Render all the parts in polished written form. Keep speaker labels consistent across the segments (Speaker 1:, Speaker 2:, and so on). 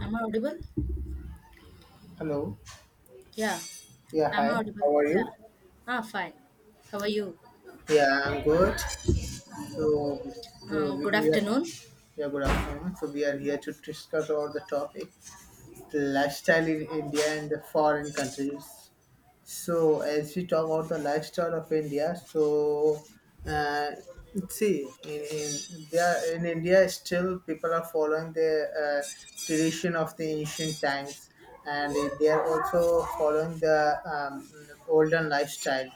Speaker 1: Am I audible?
Speaker 2: Hello.
Speaker 1: Yeah.
Speaker 2: Yeah, hi.
Speaker 1: Am I audible?
Speaker 2: How are you?
Speaker 1: Yeah. Ah, fine. How are you?
Speaker 2: Yeah, I'm good. So, to,
Speaker 1: Um, good
Speaker 2: we are,
Speaker 1: afternoon.
Speaker 2: yeah, good afternoon. So, we are here
Speaker 1: Yeah.
Speaker 2: to discuss about the topic. The lifestyle in India and the foreign countries. So as we talk about the lifestyle of India, so uh, see in there in India still people are following the uh, tradition of the ancient times, and they are also following the olden lifestyle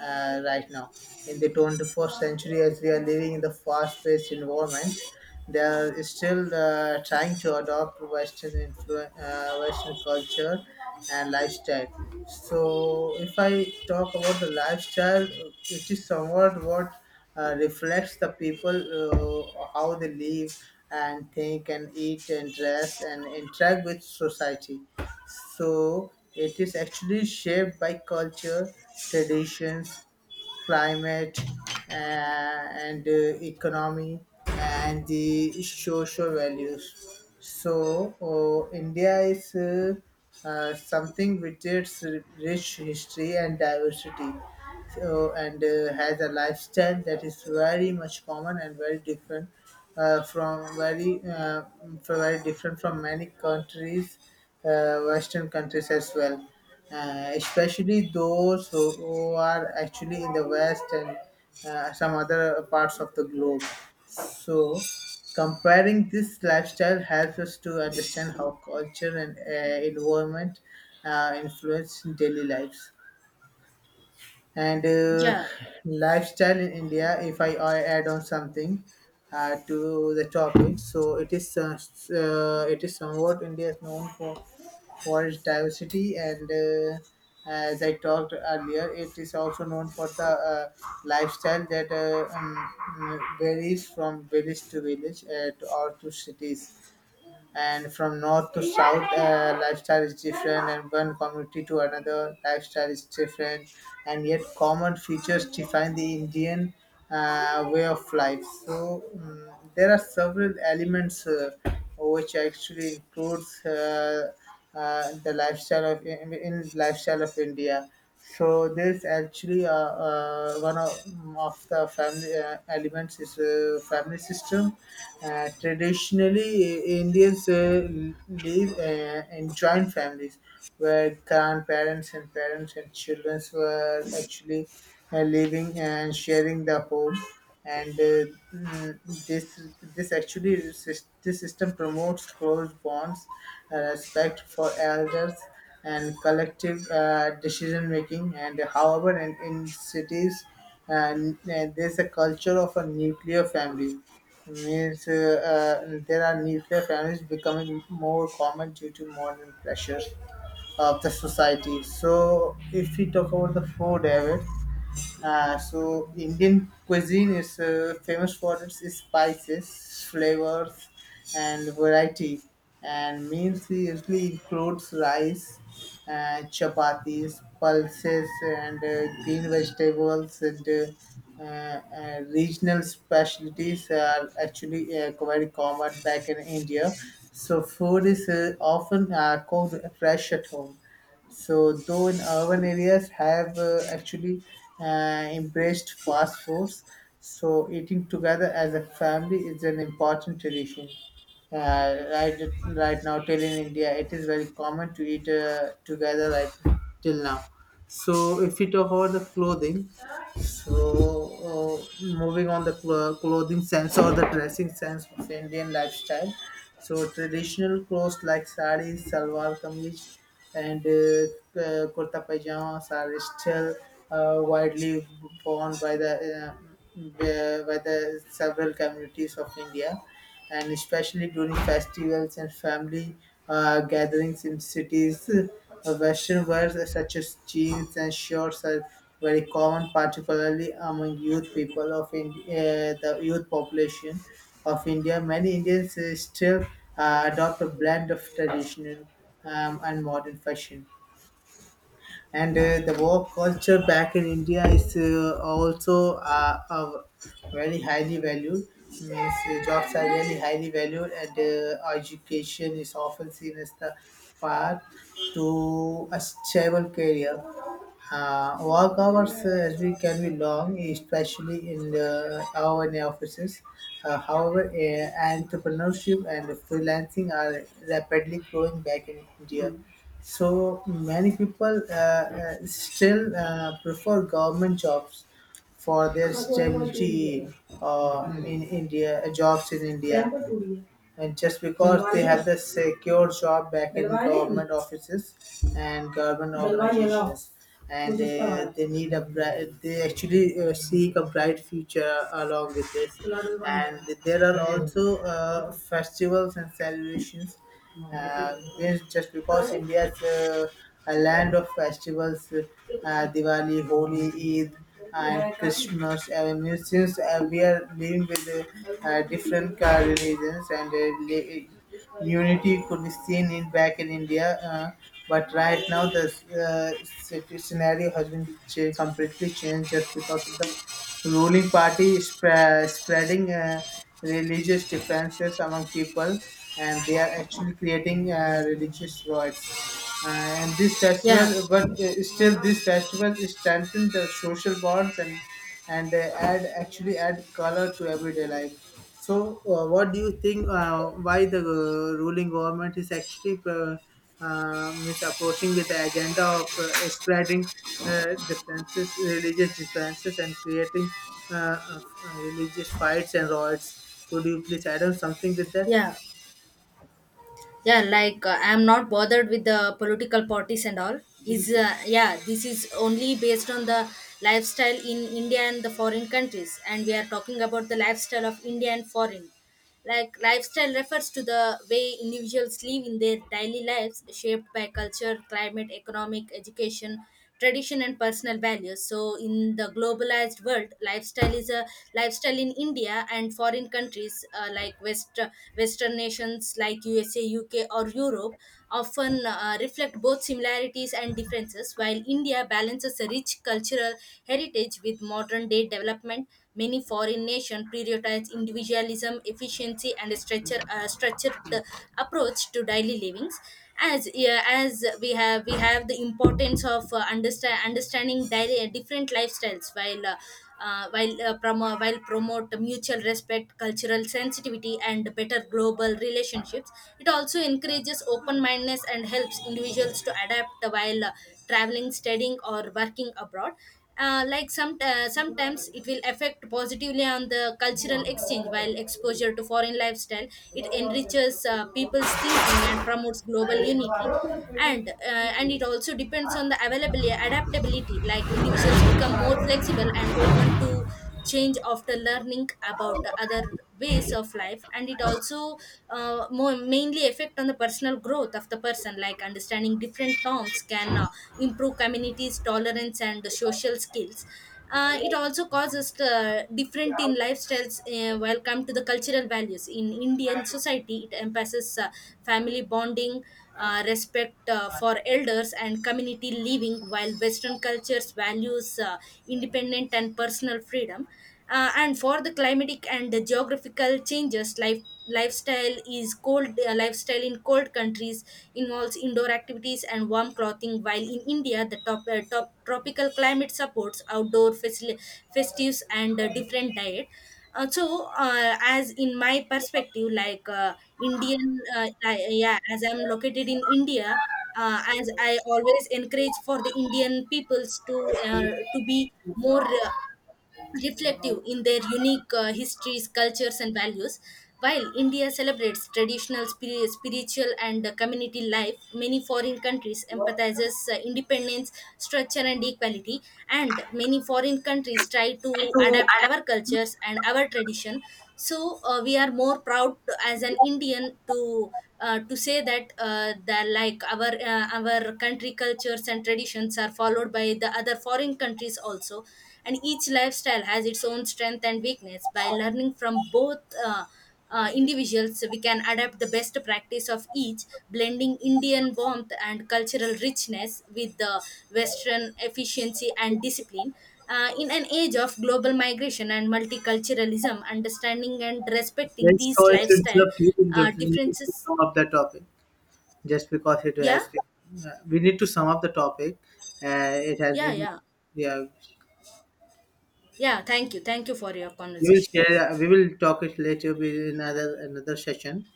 Speaker 2: right now. In the 21st century, as we are living in the fast paced environment, they are still trying to adopt Western culture and lifestyle. So, if I talk about the lifestyle, it is somewhat what reflects the people how they live and think and eat and dress and interact with society, so it is actually shaped by culture, traditions, climate, and economy and the social values. India is something with its rich history and diversity, and has a lifestyle that is very much common and very different, uh, from very uh, from very different from many countries, Western countries as well, especially those who are actually in the West and some other parts of the globe. So. Comparing this lifestyle helps us to understand how culture and environment influence daily lives and
Speaker 1: Yeah.
Speaker 2: lifestyle in India. If I add on something to the topic, so it is somewhat India is known for its diversity, and as I talked earlier, it is also known for the lifestyle that varies from village to village or to cities, and from north to south. Lifestyle is different, and one community to another lifestyle is different, and yet common features define the indian way of life. There are several elements which actually includes the lifestyle of in lifestyle of India. So there's actually one of, mm, of the family elements is family system. Traditionally, Indians live in joint families where grandparents and parents and children were actually living and sharing the home, and mm, this this system promotes closed bonds, respect for elders, and collective decision making. And however in cities, and there's a culture of a nuclear family, means there are nuclear families becoming more common due to modern pressures of the society. So if we talk about the food habits, so Indian cuisine is famous for its spices, flavors, and variety. And meals usually includes rice, chapatis, pulses, and green vegetables, and regional specialties are actually very common back in India. So food is often cooked fresh at home, so though in urban areas have actually embraced fast foods, so eating together as a family is an important tradition. Uh, right, right now, till in India, it is very common to eat together right till now. So, if we talk about the clothing, so moving on the clothing sense or the dressing sense of Indian lifestyle. So traditional clothes like sari, salwar kameez, and kurta pajamas are still widely worn by the several communities of India, and especially during festivals and family gatherings in cities. Western wears such as jeans and shorts are very common, particularly among youth people of India, the youth population of India. Many Indians still adopt a blend of traditional and modern fashion. And the work culture back in India is also very highly valued. Means jobs are really highly valued, and education is often seen as the path to a stable career. Work hours as we can be long, especially in the our in the offices. However, entrepreneurship and freelancing are rapidly growing back in India. So many people still prefer government jobs for their stability jobs in India, and just because they have
Speaker 1: Yeah.
Speaker 2: the secure job back in government offices and government organizations. And they need a they actually seek a bright future along with this. And there are also festivals and celebrations, which just because india's a land of festivals, diwali, holi, eid, and christmas. I mean, since we are living with different religions and Unity could be seen in back in India, but right now the scenario has been completely changed just because of the ruling party spreading religious differences among people, and they are actually creating religious riots. And this
Speaker 1: Yeah.
Speaker 2: festival, but still this festival strengthen the social bonds, and add color to everyday life. So what do you think, why the ruling government is actually is approaching with the agenda of spreading differences religious differences and creating religious fights and riots? Could you please add on something with that?
Speaker 1: Yeah. Yeah. I'm not bothered with the political parties and all. Is yeah. This is only based on the lifestyle in India and the foreign countries, and we are talking about the lifestyle of India and foreign. Like lifestyle refers to the way individuals live in their daily lives, shaped by culture, climate, economic, education, tradition, and personal values. So, in the globalized world, lifestyle is a lifestyle in India and foreign countries, like Western nations like USA, UK, or Europe often reflect both similarities and differences. While India balances a rich cultural heritage with modern day development, many foreign nations prioritize individualism, efficiency, and a structured approach to daily livings. As we have the importance of understanding daily, different lifestyles while promote mutual respect, cultural sensitivity, and better global relationships. It also encourages open mindedness and helps individuals to adapt while traveling, studying, or working abroad. Sometimes it will affect positively on the cultural exchange while exposure to foreign lifestyle, it enriches people's thinking and promotes global unity, and it also depends on the availability, adaptability. Like individuals become more flexible and open to change after learning about the other ways of life, and it also more mainly affect on the personal growth of the person. Like understanding different norms can improve communities tolerance and social skills. It also causes different in lifestyles. While come to the cultural values in Indian society, it emphasizes family bonding, respect for elders and community living, while Western cultures values independent and personal freedom. And for the climatic and the geographical changes, lifestyle is cold, lifestyle in cold countries involves indoor activities and warm clothing, while in India the top tropical climate supports outdoor festives and different diet. As in my perspective, like indian I, yeah as I'm located in India, as I always encourage for the Indian peoples to be more reflective in their unique histories, cultures, and values. While India celebrates traditional spiritual and community life, many foreign countries emphasizes independence, structure, and equality. And many foreign countries try to adapt our cultures and our tradition. So we are more proud to, as an Indian, to say that the like our country cultures and traditions are followed by the other foreign countries also, and each lifestyle has its own strength and weakness. By learning from both, individuals we can adapt the best practice of each, blending Indian warmth and cultural richness with the Western efficiency and discipline. In an age of global migration and multiculturalism, understanding and respecting
Speaker 2: Yes,
Speaker 1: these
Speaker 2: so it's
Speaker 1: lifestyle
Speaker 2: up to you. We need to
Speaker 1: differences.
Speaker 2: sum up the topic just because it has
Speaker 1: Yeah,
Speaker 2: been. We need to sum up the topic. It has
Speaker 1: yeah,
Speaker 2: been.
Speaker 1: yeah,
Speaker 2: Yeah,
Speaker 1: yeah. Thank you for your
Speaker 2: we will
Speaker 1: conversation.
Speaker 2: share. We will talk it later with another session.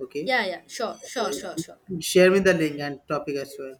Speaker 2: Okay.
Speaker 1: Yeah, yeah, sure, sure, sure,
Speaker 2: Uh,
Speaker 1: sure.
Speaker 2: Share me the link and topic as well.